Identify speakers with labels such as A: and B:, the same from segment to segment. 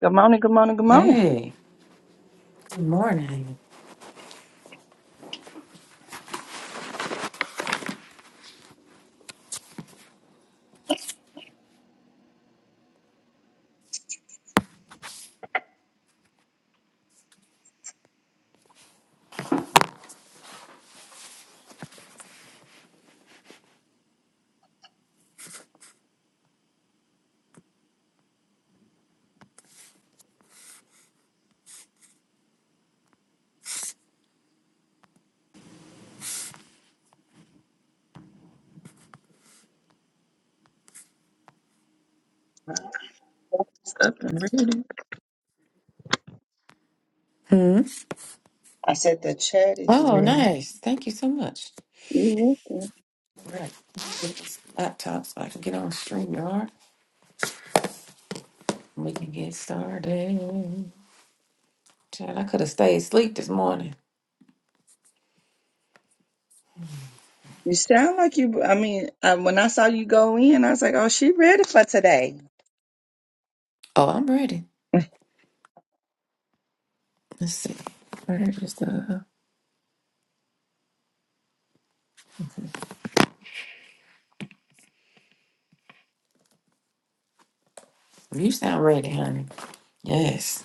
A: Good morning, good morning, good morning.
B: Hey, good morning.
A: It's up and ready.
B: Hmm.
A: I said the chat is
B: Oh,
A: ready.
B: nice. Thank you so much.
A: You welcome.
B: All right. Get this laptop so I can get on StreamYard. and We can get started. Child, I could have stayed asleep this morning.
A: You sound like you, I mean, um, when I saw you go in, I was like, oh, she ready for today.
B: Oh, I'm ready. Let's see. Where is the. You sound ready, honey. Yes.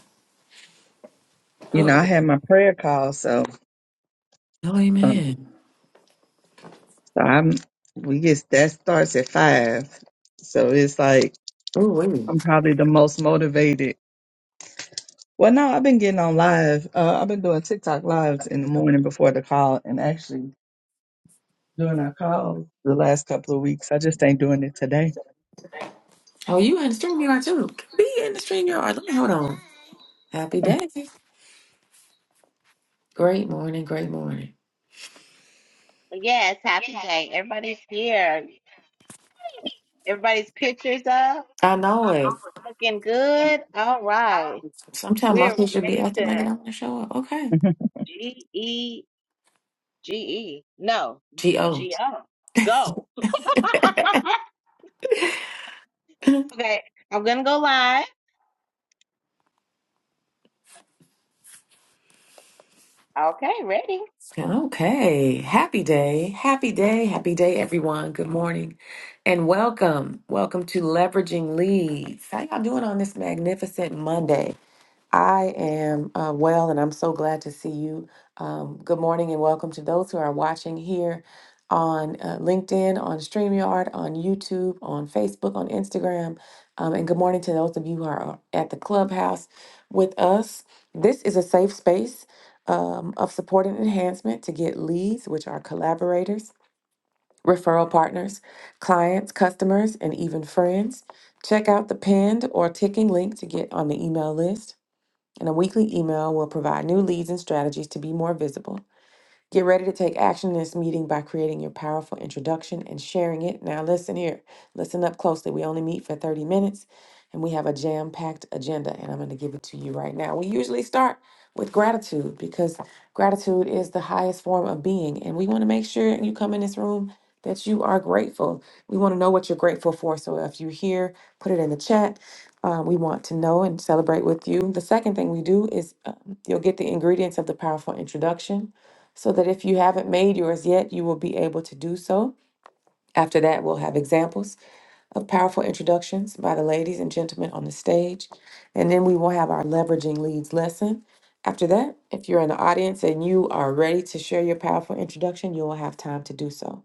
A: You know, I
B: Oh.
A: had my prayer call, so,
B: Oh,
A: um,
B: amen.
A: so I'm, we get, that starts at five. So it's like,
B: Oh, wait.
A: I'm probably the most motivated. Well, no, I've been getting on live. Uh, I've been doing TikTok lives in the morning before the call and actually doing our calls the last couple of weeks. I just ain't doing it today.
B: Oh, you in the StreamYard too. Be in the StreamYard. Let me hold on. Happy day. Great morning. Great morning.
C: Yes, happy day. Everybody's here. Everybody's pictures up.
B: I know it.
C: Looking good. All right.
B: Sometimes my
C: We're
B: picture be
C: ready
B: acting
C: to
B: like it don't want to show up. Okay.
C: G E G E. No,
B: G-O.
C: G O. Go. okay. I'm going to go live. Okay, ready.
B: Okay. Happy day. Happy day. Happy day, everyone. Good morning and welcome. Welcome to Leveraging Leads. How y'all doing on this magnificent Monday? I am uh, well, and I'm so glad to see you. Um, good morning and welcome to those who are watching here on uh, LinkedIn, on StreamYard, on YouTube, on Facebook, on Instagram. Um, and good morning to those of you who are uh, at the clubhouse with us. This is a safe space um, of support and enhancement to get leads, which are collaborators, referral partners, clients, customers, and even friends. Check out the pinned or ticking link to get on the email list and a weekly email will provide new leads and strategies to be more visible. Get ready to take action in this meeting by creating your powerful introduction and sharing it. Now, listen here, listen up closely. We only meet for 30 minutes and we have a jam packed agenda, and I'm going to give it to you right now. We usually start with gratitude because gratitude is the highest form of being, and we want to make sure you come in this room. That you are grateful. We want to know what you're grateful for. So if you're here, put it in the chat. Uh, we want to know and celebrate with you. The second thing we do is um, you'll get the ingredients of the powerful introduction so that if you haven't made yours yet, you will be able to do so. After that, we'll have examples of powerful introductions by the ladies and gentlemen on the stage. And then we will have our leveraging leads lesson. After that, if you're in the audience and you are ready to share your powerful introduction, you will have time to do so.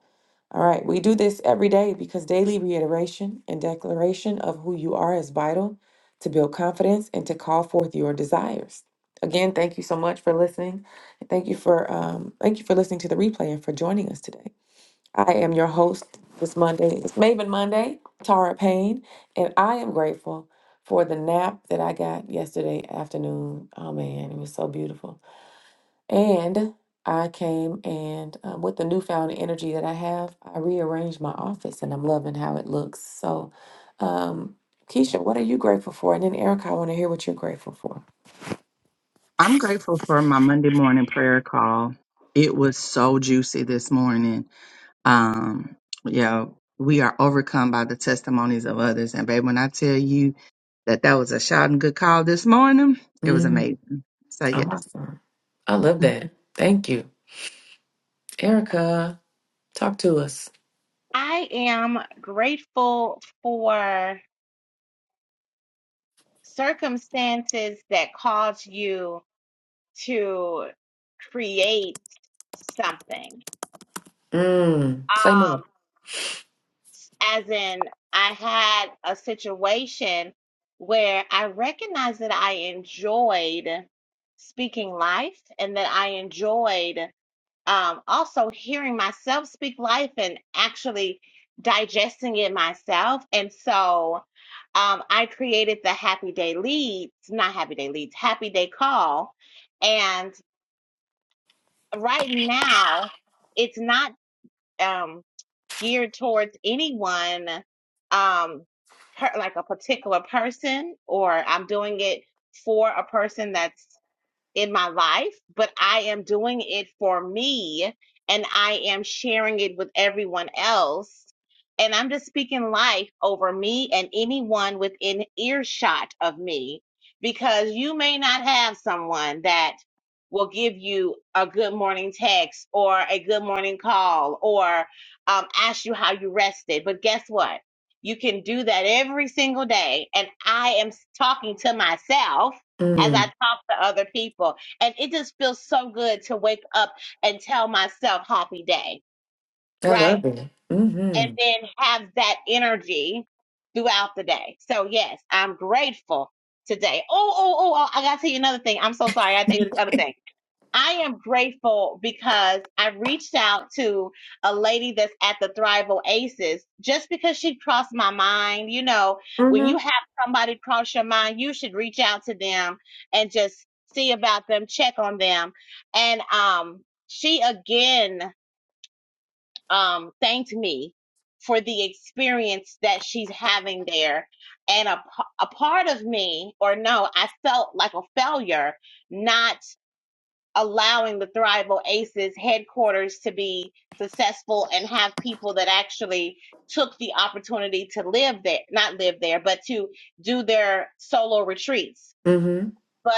B: All right, we do this every day because daily reiteration and declaration of who you are is vital to build confidence and to call forth your desires. Again, thank you so much for listening. Thank you for um, thank you for listening to the replay and for joining us today. I am your host this Monday. It's Maven Monday, Tara Payne, and I am grateful for the nap that I got yesterday afternoon. Oh man, it was so beautiful. And I came and um, with the newfound energy that I have, I rearranged my office and I'm loving how it looks. So, um, Keisha, what are you grateful for? And then Erica, I want to hear what you're grateful for.
A: I'm grateful for my Monday morning prayer call. It was so juicy this morning. Um, yeah, we are overcome by the testimonies of others. And babe, when I tell you that that was a shout and good call this morning, it was
B: Mm,
A: amazing. So yes.
B: awesome. I love that. Thank you. Erica, talk to us.
C: I am grateful for circumstances that cause you to create something.
B: Mm, say
C: Um,
B: more.
C: as in I had a situation where I recognized that I enjoyed speaking life and that I enjoyed um, also hearing myself speak life and actually digesting it myself. And so um, I created the Happy Day Leads, not Happy Day Leads, Happy Day Call. And right now, it's not. Um, geared towards anyone um per, like a particular person or I'm doing it for a person that's in my life, but I am doing it for me and I am sharing it with everyone else. And I'm just speaking life over me and anyone within earshot of me because you may not have someone that will give you a good morning text or a good morning call or um, ask you how you rested. But guess what? You can do that every single day. And I am talking to myself as I
B: Mm,
C: talk to other people. And it just feels so good to wake up and tell myself happy day,
B: I
C: right?
B: love it.
C: And
B: Mm-hmm.
C: then have that energy throughout the day. So, yes, I'm grateful today. Oh, oh, oh, oh, I got to tell you another thing. I'm so sorry. I got to tell you this other thing. I am grateful because I reached out to a lady that's at the Thrival Aces just because she crossed my mind. You know, when
B: Mm-hmm.
C: you have somebody cross your mind, you should reach out to them and just see about them, check on them. And um, she again um, thanked me for the experience that she's having there. And a, p- a part of me, or no, I felt like a failure not allowing the Thrival Aces headquarters to be successful and have people that actually took the opportunity to live there, not live there, but to do their solo retreats.
B: Mm-hmm.
C: But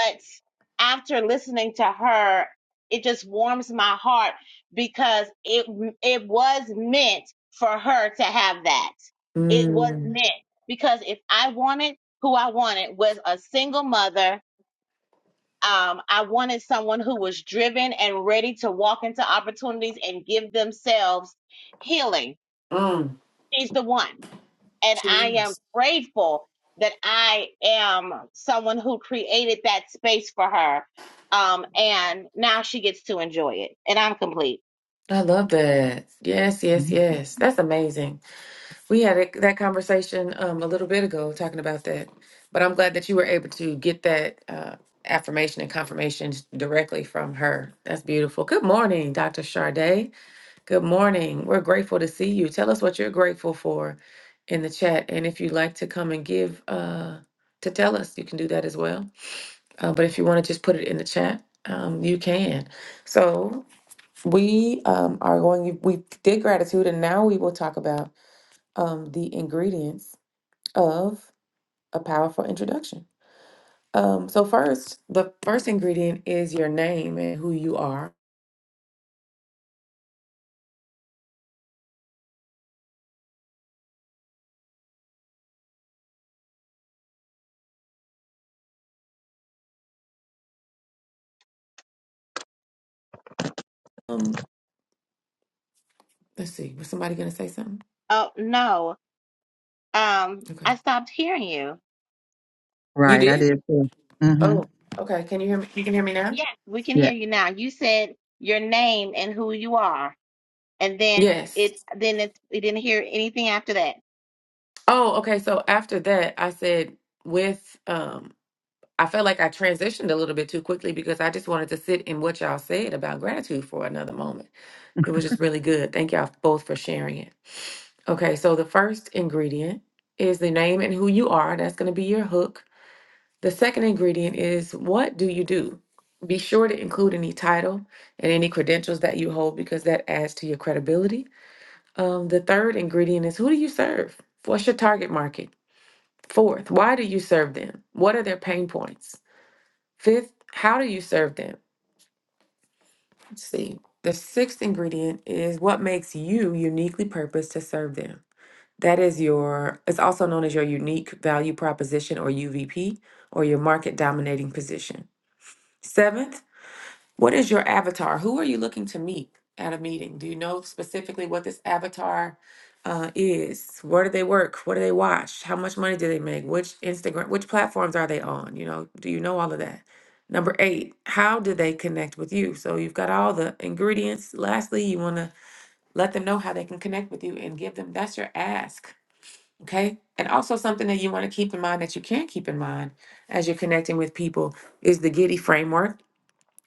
C: after listening to her, it just warms my heart because it it was meant for her to have that. It was
B: Mm.
C: meant because if I wanted who I wanted was a single mother um, I wanted someone who was driven and ready to walk into opportunities and give themselves healing.
B: Mm.
C: She's the one. And I am
B: Cheers.
C: grateful that I am someone who created that space for her. Um, and now she gets to enjoy it. And I'm complete.
B: I love that. Yes, yes,
A: Mhm.
B: yes. That's amazing. We had it- that conversation um, a little bit ago talking about that, but I'm glad that you were able to get that uh, affirmation and confirmation directly from her. That's beautiful. Good morning, Dr. Charday. Good morning. We're grateful to see you. Tell us what you're grateful for in the chat, and if you'd like to come and give uh, to tell us, you can do that as well. Uh, but if you want to just put it in the chat, um, you can. So we um, are going. We did gratitude, and now we will talk about um, the ingredients of a powerful introduction. Um, so, first, the first ingredient is your name and who you are. Um, let's see. Was somebody gonna say something?
C: Oh, no. Um,
B: Okay.
C: I stopped hearing you.
B: You
A: Right, I
B: did?
A: did too. mm hmm
B: Oh, okay. Can you hear me? You can hear me now?
C: Yes, we can
A: Yeah.
C: hear you now. You said your name and who you are. And then
B: Yes.
C: it, then it, we didn't hear anything after that.
B: Oh, okay. So after that, I said with um I felt like I transitioned a little bit too quickly because I just wanted to sit in what y'all said about gratitude for another moment. It was just really good. Thank y'all both for sharing it. Okay, so the first ingredient is the name and who you are. That's going to be your hook. The second ingredient is what do you do? Be sure to include any title and any credentials that you hold because that adds to your credibility. Um, the third ingredient is who do you serve? What's your target market? Fourth, why do you serve them? What are their pain points? Fifth, how do you serve them? Let's see. The sixth ingredient is what makes you uniquely purposed to serve them. That is your, it's also known as your unique value proposition or UVP or your market dominating position. Seventh, what is your avatar? Who are you looking to meet at a meeting? Do you know specifically what this avatar uh, is? Where do they work? What do they watch? How much money do they make? Which Instagram, which platforms are they on? You know, do you know all of that? Number eight, how do they connect with you? So you've got all the ingredients. Lastly, you want to let them know how they can connect with you and give them that's your ask Okay. And also something that you want to keep in mind that you can keep in mind as you're connecting with people is the Giddy framework.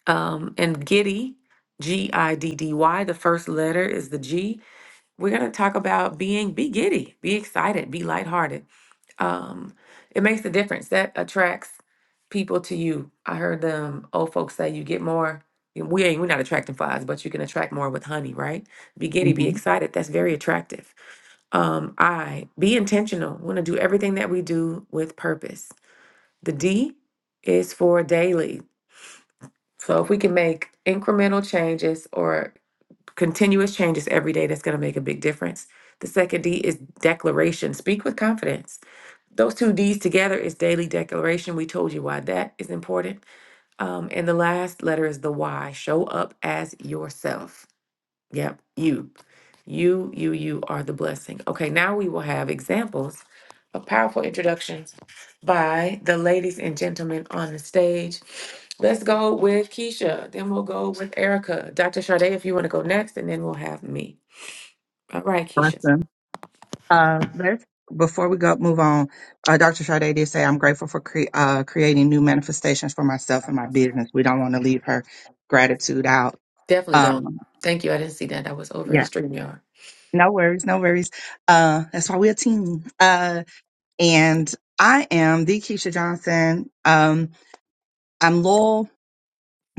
B: Um, and Giddy, G I D D Y, the first letter is the G. We're going to talk about being, be giddy, be excited, be lighthearted. Um, it makes a difference. That attracts people to you. I heard them old folks say you get more. We ain't, we're not attracting flies, but you can attract more with honey, right? Be giddy,
A: mm
B: be
A: hmm
B: excited. That's very attractive. Um, I be intentional. We want to do everything that we do with purpose. The D is for daily. So if we can make incremental changes or continuous changes every day, that's going to make a big difference. The second D is declaration. Speak with confidence. Those two D's together is daily declaration. We told you why that is important. Um, and the last letter is the Y. Show up as yourself. Yep, you. You, you, you are the blessing. Okay, now we will have examples of powerful introductions by the ladies and gentlemen on the stage. Let's go with Keisha, then we'll go with Erica. Dr. Sade, if you want to go next, and then we'll have me. All right, Keisha.
A: Awesome. Uh, let's before we go move on. Uh, Dr. Sade did say I'm grateful for cre- uh, creating new manifestations for myself and my business. We don't want to leave her gratitude out.
B: Definitely don't.
A: Um,
B: Thank you. I didn't see that. I was over in
A: yeah,
B: StreamYard.
A: no worries, no worries. Uh, that's why we're a team. Uh, and I am the Keisha Johnson. Um, I'm loyal.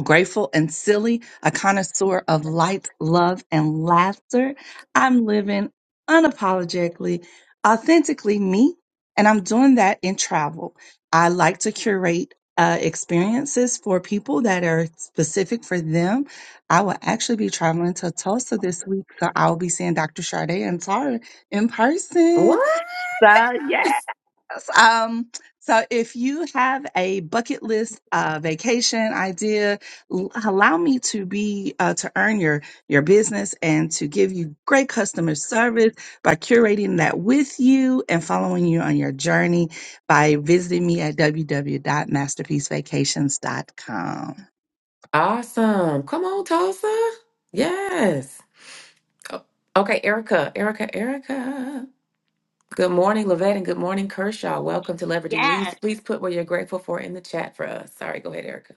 A: grateful and silly, a connoisseur of light, love, and laughter. I'm living unapologetically, authentically me, and I'm doing that in travel. I like to curate uh, experiences for people that are specific for them. I will actually be traveling to Tulsa this week, so I'll be seeing Dr. Sade and Tara in person.
B: What?
A: So, yeah. Yes, Um, so if you have a bucket list uh, vacation idea, l- allow me to be uh, to earn your your business and to give you great customer service by curating that with you and following you on your journey by visiting me at www.masterpiecevacations.com.
B: Awesome. Come on, Tulsa. Yes. Oh, Okay, Erica, Erica, Erica. Good morning, Lavette, and good morning, Kershaw. Welcome to Leveraging
C: Yes.
B: Leads. Please put what you're grateful for in the chat for us. Sorry, go ahead, Erica.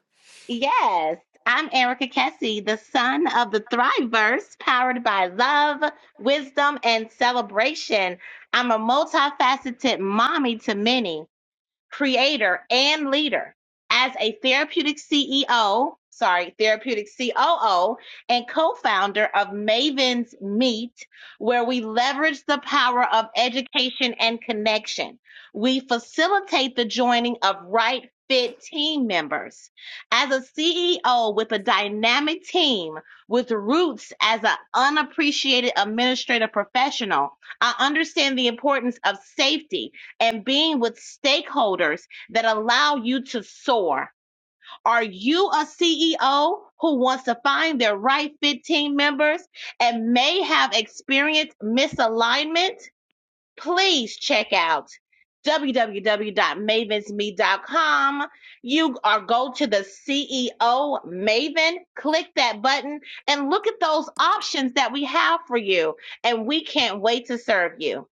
C: Yes, I'm Erica Kessie, the son of the Thriveverse, powered by love, wisdom, and celebration. I'm a multifaceted mommy to many creator, and leader. As a therapeutic CEO, sorry, therapeutic COO, and co founder of Maven's Meet, where we leverage the power of education and connection. We facilitate the joining of right fit team members. As a CEO with a dynamic team with roots as an unappreciated administrative professional, I understand the importance of safety and being with stakeholders that allow you to soar. Are you a CEO who wants to find their right fit team members and may have experienced misalignment? Please check out www.mavensme.com. You are go to the CEO Maven, click that button and look at those options that we have for you. And we can't wait to serve you.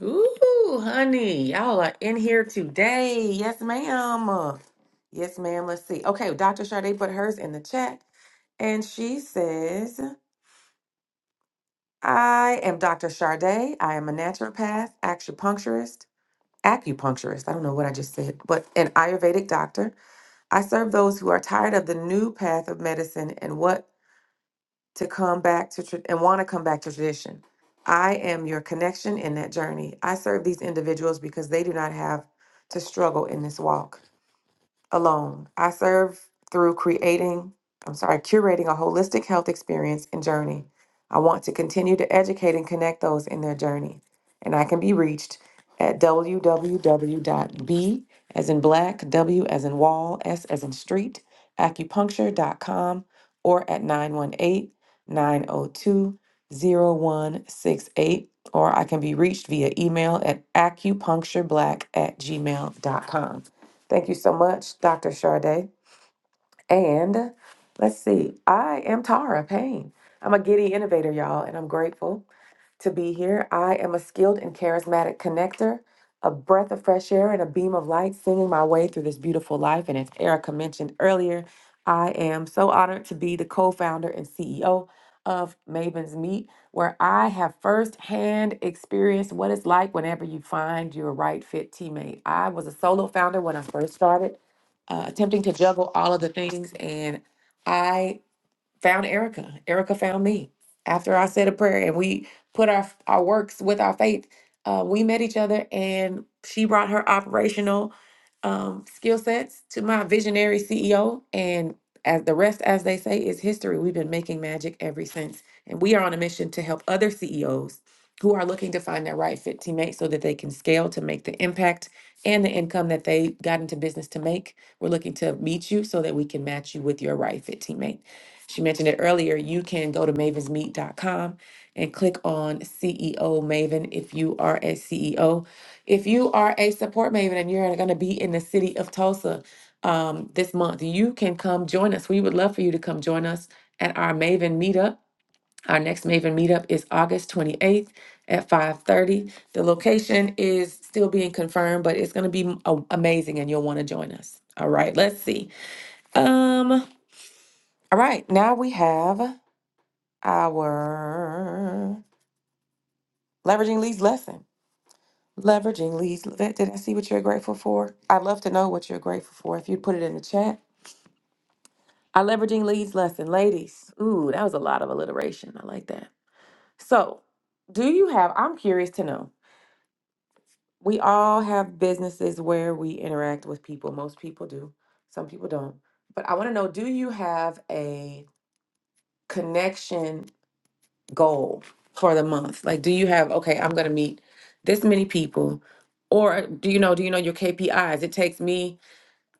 B: Ooh, honey, y'all are in here today. Yes, ma'am. Yes, ma'am. Let's see. Okay, Dr. Sade put hers in the chat, and she says, I am Dr. Sade. I am a naturopath, acupuncturist, acupuncturist. I don't know what I just said, but an Ayurvedic doctor. I serve those who are tired of the new path of medicine and what to come back to tra- and want to come back to tradition. I am your connection in that journey. I serve these individuals because they do not have to struggle in this walk alone. I serve through creating, I'm sorry, curating a holistic health experience and journey. I want to continue to educate and connect those in their journey. And I can be reached at www.b as in black, w as in wall, s as in street, acupuncture.com or at 918 902 0168. Or I can be reached via email at acupunctureblack at gmail.com. Thank you so much, Dr. Charday. And let's see, I am Tara Payne. I'm a giddy innovator, y'all, and I'm grateful to be here. I am a skilled and charismatic connector, a breath of fresh air and a beam of light singing my way through this beautiful life. And as Erica mentioned earlier, I am so honored to be the co founder and CEO of Maven's Meet, where I have firsthand experienced what it's like whenever you find your right fit teammate. I was a solo founder when I first started, uh, attempting to juggle all of the things. And I found Erica. Erica found me after I said a prayer and we put our our works with our faith. Uh, we met each other and she brought her operational um, skill sets to my visionary CEO and as the rest, as they say, is history. We've been making magic ever since, and we are on a mission to help other CEOs who are looking to find their right fit teammate so that they can scale to make the impact and the income that they got into business to make. We're looking to meet you so that we can match you with your right fit teammate. She mentioned it earlier. You can go to mavens meet dot com and click on CEO Maven if you are a CEO. If you are a support Maven and you're going to be in the city of Tulsa um, this month, you can come join us. We would love for you to come join us at our Maven meetup. Our next Maven meetup is August 28th at 5:30. The location is still being confirmed, but it's going to be a- amazing and you'll want to join us. All right, let's see. Um all right, now we have our leveraging leads lesson. Leveraging leads. Vet, Did I see what you're grateful for? I'd love to know what you're grateful for. If you'd put it in the chat. Our leveraging leads lesson, ladies. Ooh, that was a lot of alliteration. I like that. So, do you have? I'm curious to know. We all have businesses where we interact with people. Most people do. Some people don't. But I want to know. Do you have a connection goal for the month? Like, do you have, okay, I'm going to meet this many people? Or do you know, do you know your KPIs? It takes me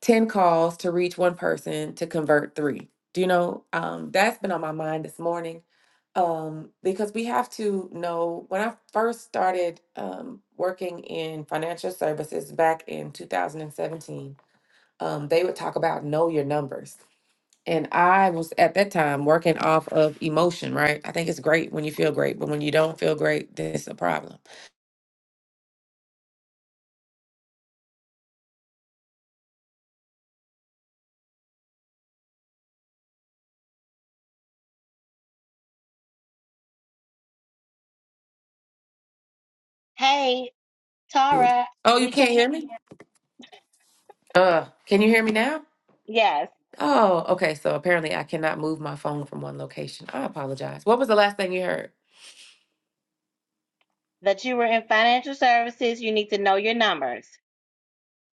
B: 10 calls to reach one person to convert three. Do you know? Um, that's been on my mind this morning um, because we have to know when I first started um, working in financial services back in 2017, um, they would talk about know your numbers and I was at that time working off of emotion, right? I think it's great when you feel great, but when you don't feel great, that's a problem.
C: Hey, Tara,
B: Oh, you
C: we
B: can't
C: can't. hear
B: hear
C: you.
B: me? Uh, can you hear me now?
C: Yes,
B: Oh, okay. So apparently I cannot move my phone from one location. I apologize. What was the last thing you heard?
C: that you were in financial services, you need to know your numbers.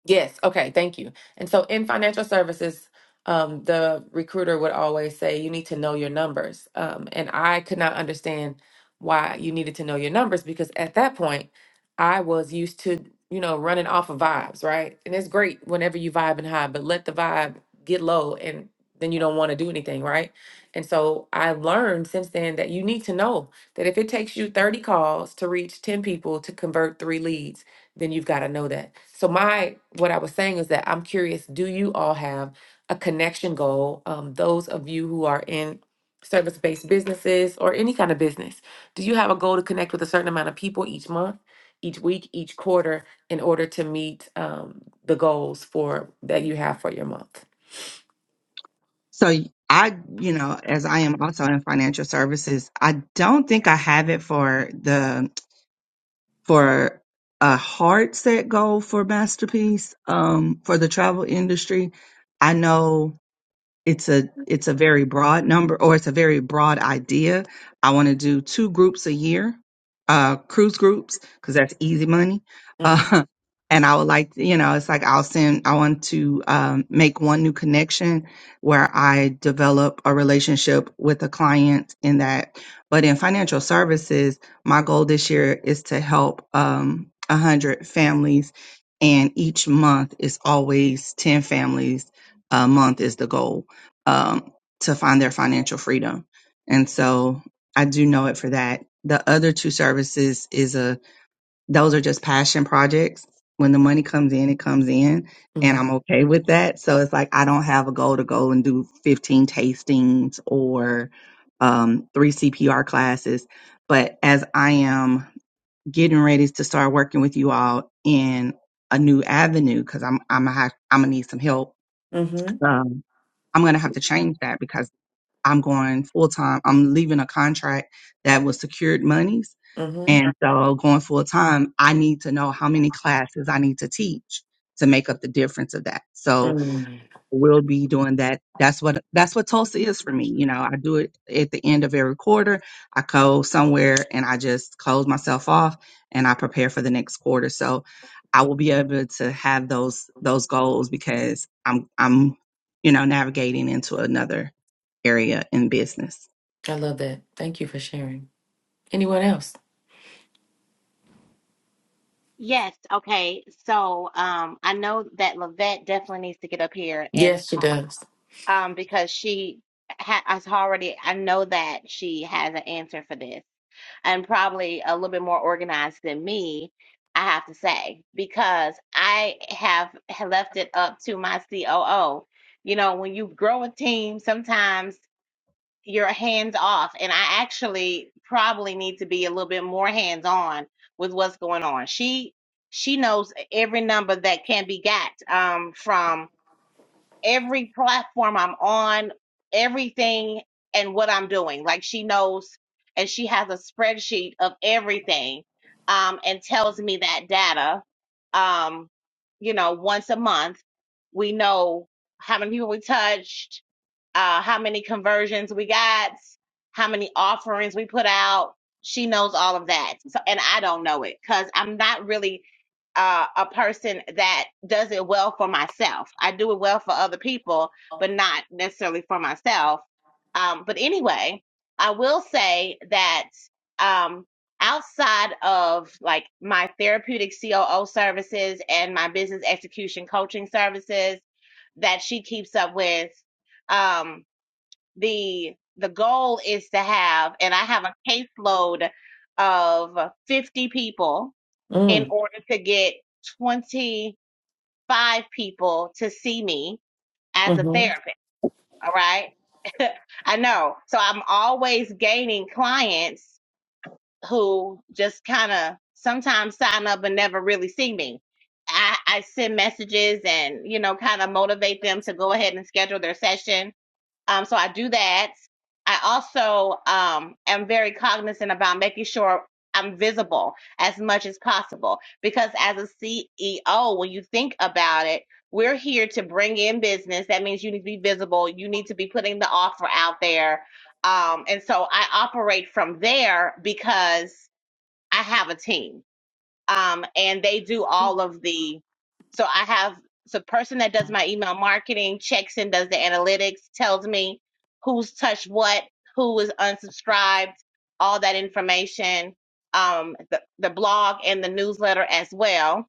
B: Yes. Okay. Thank you. And so in financial services, um, the recruiter would always say, you need to know your numbers. Um, and I could not understand why you needed to know your numbers because at that point, I was used to, you know, running off of vibes, right? And it's great whenever you vibe and high, but let the vibe get low and then you don't want to do anything, right? And so I learned since then that you need to know that if it takes you 30 calls to reach 10 people to convert three leads, then you've got to know that. So my what I was saying is that I'm curious, do you all have a connection goal? Um, those of you who are in service-based businesses or any kind of business, do you have a goal to connect with a certain amount of people each month, each week, each quarter in order to meet um, the goals for that you have for your month?
A: So y- I, you know, as I am also in financial services, I don't think I have it for the for a hard set goal for masterpiece um, for the travel industry. I know it's a it's a very broad number or it's a very broad idea. I want to do two groups a year, uh, cruise groups because that's easy money.
B: Mm-hmm.
A: Uh, and I would like you know it's like I'll send I want to um, make one new connection where I develop a relationship with a client in that. But in financial services, my goal this year is to help um, a hundred families, and each month is always ten families a month is the goal um, to find their financial freedom. And so I do know it for that. The other two services is a, those are just passion projects. When the money comes in, it comes in and
B: Mm-hmm.
A: I'm okay with that. So it's like, I don't have a goal to go and do 15 tastings or, um, three CPR classes. But as I am getting ready to start working with you all in a new avenue, cause I'm, I'm, gonna have- I'm gonna need some help.
B: Mm-hmm.
A: Um, I'm gonna have to change that because I'm going full time. I'm leaving a contract that was secured monies.
B: Mm-hmm.
A: And so going full time, I need to know how many classes I need to teach to make up the difference of that. So
B: Mm.
A: will be doing that. That's what that's what Tulsa is for me. You know, I do it at the end of every quarter. I go somewhere and I just close myself off and I prepare for the next quarter. So I will be able to have those those goals because I'm I'm you know navigating into another area in business.
B: I love that. Thank you for sharing. Anyone else?
C: Yes, okay. So, um, I know that Lavette definitely needs to get up here and
B: Yes, she
C: talk,
B: does.
C: um, because she ha has already, I know that she has an answer for this and probably a little bit more organized than me, I have to say, because I have left it up to my COO. You know, when you grow a team, sometimes. you're hands off and i actually probably need to be a little bit more hands on with what's going on she she knows every number that can be got um from every platform i'm on everything and what i'm doing like she knows and she has a spreadsheet of everything um and tells me that data um you know once a month we know how many people we touched uh, how many conversions we got, how many offerings we put out. She knows all of that. So, and I don't know it because I'm not really uh, a person that does it well for myself. I do it well for other people, but not necessarily for myself. Um, but anyway, I will say that um, outside of like my therapeutic COO services and my business execution coaching services that she keeps up with, um, the the goal is to have and i have a caseload of 50 people in
B: Mm,
C: order to get 25 people to see me as a
B: mm-hmm.
C: therapist all right i know so i'm always gaining clients who just kind of sometimes sign up and never really see me I, I send messages and you know kind of motivate them to go ahead and schedule their session Um, so I do that. I also um, am very cognizant about making sure I'm visible as much as possible because as a CEO, when you think about it, we're here to bring in business. That means you need to be visible. You need to be putting the offer out there. Um, and so I operate from there because I have a team um, and they do all of the. So I have the person that does my email marketing checks and does the analytics, tells me who's touched what, who is unsubscribed, all that information, um, the the blog and the newsletter as well.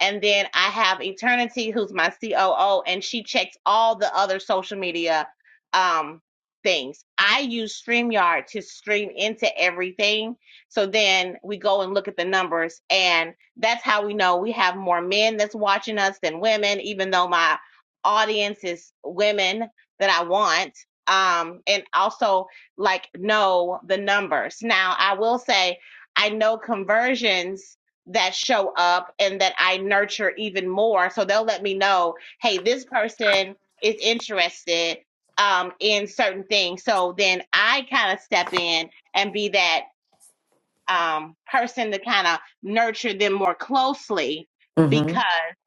C: And then I have Eternity, who's my COO, and she checks all the other social media um, things. I use StreamYard to stream into everything so then we go and look at the numbers, and that's how we know we have more men that's watching us than women, even though my audience is women that I want. Um, and also like know the numbers. Now, I will say I know conversions that show up and that I nurture even more. So they'll let me know, hey, this person is interested um in certain things. So then I kind of step in and be that um, person to kind of nurture them more closely
B: Mm-hmm.
C: because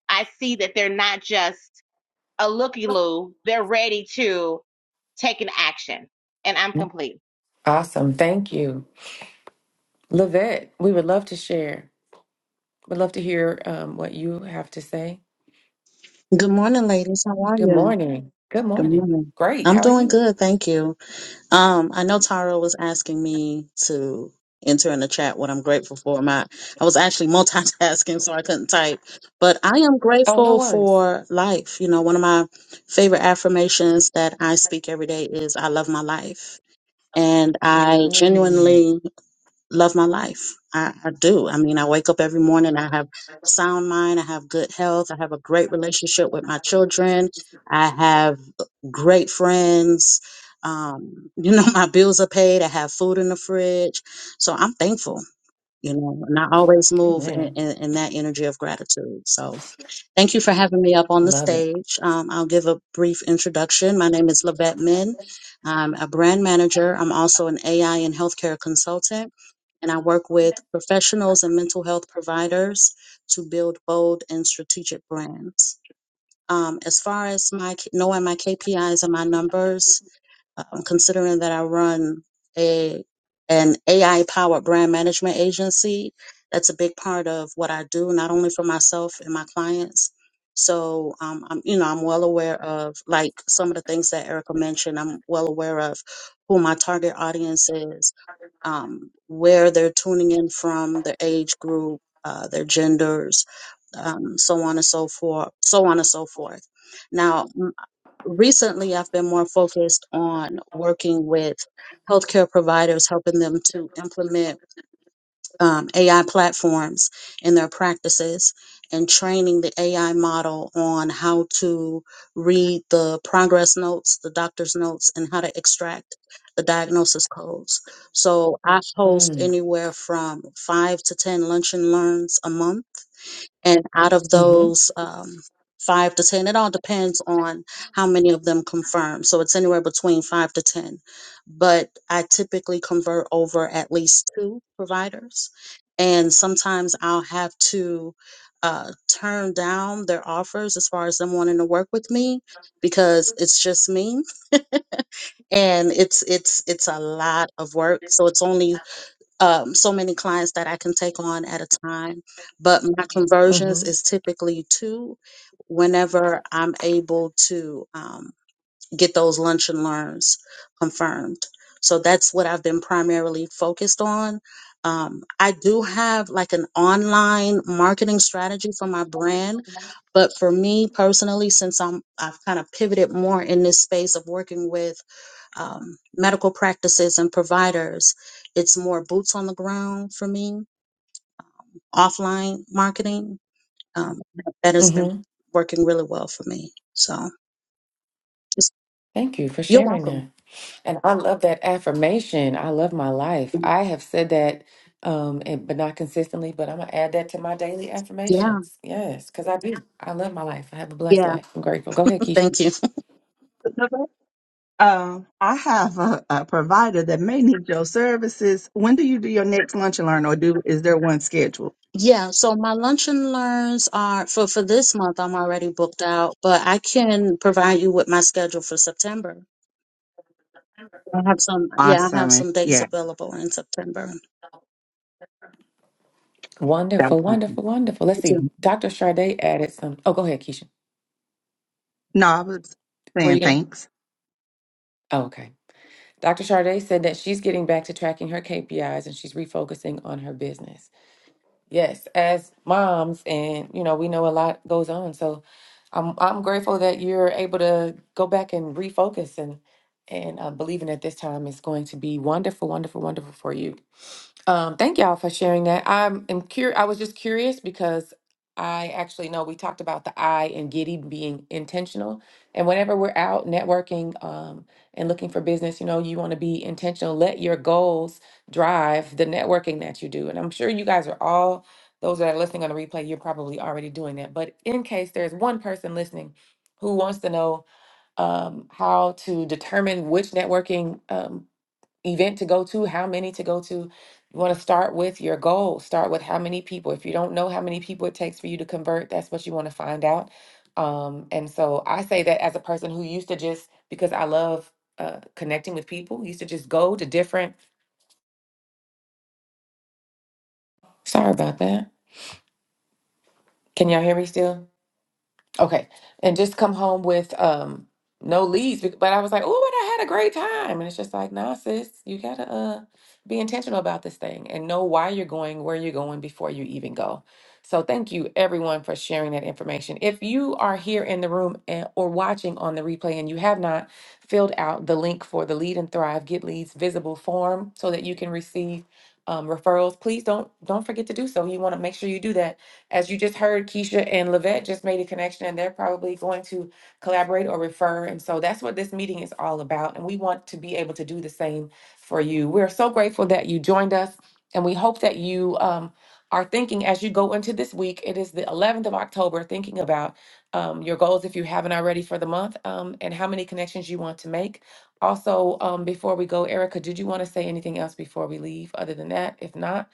C: I see that they're not just a looky loo, they're ready to take an action. And I'm complete.
B: Awesome. Thank you. Lavette, we would love to share. We'd love to hear um, what you have to say.
D: Good morning, ladies. How are
B: Good
D: you?
B: morning. Good
D: Good
B: morning.
D: morning.
B: Great.
D: I'm
B: How are
D: doing
B: you?
D: good, thank you. Um, I know Tara was asking me to enter in the chat what I'm grateful for. My I was actually multitasking, so I couldn't type. But I am
B: Oh, no
D: grateful
B: worries.
D: for life. You know, one of my favorite affirmations that I speak every day is I love my life. And I
B: Mm,
D: genuinely love my life. I, I do. I mean, I wake up every morning. I have sound mind. I have good health. I have a great relationship with my children. I have great friends. Um, you know, my bills are paid. I have food in the fridge. So I'm thankful, you know, and I always move in,
B: amen.
D: in, in that energy of gratitude. So, Thank you for having me up on
B: I
D: the
B: love it.
D: stage. Um, I'll give a brief introduction. My name is Lavette Min. I'm a brand manager. I'm also an AI and healthcare consultant, and I work with professionals and mental health providers to build bold and strategic brands. Um, as far as my knowing my KPIs and my numbers, um, considering that I run a an AI powered brand management agency, that's a big part of what I do, not only for myself and my clients. So, um, I'm, you know, I'm well aware of like some of the things that Erica mentioned. I'm well aware of who my target audience is, um, where they're tuning in from, their age group, uh, their genders, um, so on and so forth, so on and so forth. Now, recently I've been more focused on working with healthcare providers, helping them to implement um, AI platforms in their practices and training the AI model on how to read the progress notes, the doctor's notes, and how to extract the diagnosis codes. So I host
B: Mm,
D: anywhere from five to 10 lunch and learns a month and out of
B: mm-hmm.
D: those um, five to ten it all depends on how many of them confirm so it's anywhere between five to ten but i typically convert over at least two providers and sometimes i'll have to uh, turn down their offers as far as them wanting to work with me because it's just me and it's it's it's a lot of work so it's only um, so many clients that I can take on at a time. But my
B: Mm-hmm.
D: conversions is typically two whenever I'm able to um, get those lunch and learns confirmed. So that's what I've been primarily focused on. Um, I do have like an online marketing strategy for my brand, but for me personally, since I'm I've kind of pivoted more in this space of working with um, medical practices and providers, it's more boots on the ground for me, offline marketing. Um, that has been
B: Mm-hmm.
D: working really well for me. So just,
B: Thank you for
D: you're
B: sharing
D: welcome.
B: that. And I love that affirmation. I love my life. I have said that, um, and, but not consistently, but I'm gonna add that to my daily
D: Yeah,
B: affirmations. Yes, because I do. I love my life. I have a blessed
D: yeah.
B: life. I'm grateful. Go ahead, Keisha.
D: Thank you.
A: Um, I have a, a provider that may need your services. When do you do your next lunch and learn, or do is there one scheduled?
D: Yeah, so my lunch and learns are for for this month. I'm already booked out, but I can provide you with my schedule for September. I have some, yeah, I have
A: Awesome.
D: some
A: If,
D: dates
A: yeah.
D: available in September.
A: that-
B: Wonderful, wonderful, wonderful. Let's
D: You
B: see.
D: too.
B: Dr. Sade added some. Oh, go ahead, Keisha.
A: No, I was
B: Where you
A: saying
B: going?
A: thanks.
B: Oh, okay. Dr. Sade said that she's getting back to tracking her KPIs and she's refocusing on her business. Yes, as moms, and you know, we know a lot goes on. So I'm I'm grateful that you're able to go back and refocus and and uh, believing that this time is going to be wonderful, wonderful, wonderful for you. Um, thank y'all for sharing that. I'm am cur- I was just curious because I actually know we talked about the I and Giddy being intentional, and whenever we're out networking um, and looking for business, you know, you want to be intentional. Let your goals drive the networking that you do. And I'm sure you guys are all, those that are listening on the replay, you're probably already doing that. But in case there's one person listening who wants to know um, how to determine which networking um, event to go to, how many to go to, you want to start with your goal. Start with how many people. If you don't know how many people it takes for you to convert, that's what you want to find out. Um, and so I say that as a person who used to just, because I love uh, connecting with people, used to just go to different, sorry about that Can y'all hear me still? Okay. And just come home with um no leads. bec- But I was like, oh, but I had a great time. And it's just like, nah, sis, you gotta uh be intentional about this thing and know why you're going, where you're going before you even go. So thank you everyone for sharing that information. If you are here in the room and, or watching on the replay and you have not filled out the link for the Lead and Thrive Get Leads visible form so that you can receive um, referrals, please don't don't forget to do so. You want to make sure you do that as you just heard, Keisha and Lavette just made a connection and they're probably going to collaborate or refer. And so that's what this meeting is all about. And we want to be able to do the same for you. We're so grateful that you joined us and we hope that you um, are thinking as you go into this week. It is the 11th of October, thinking about um, your goals if you haven't already for the month um, and how many connections you want to make. Also, um, before we go, Erica, did you want to say anything else before we leave other than that? If not,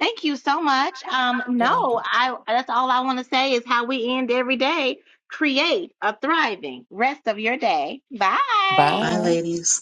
C: Thank you so much. Um,
B: you're
C: no,
B: welcome.
C: I that's all I want to say is how we end every day. Create a thriving rest of your day. Bye.
D: Bye,
B: Bye.
D: ladies.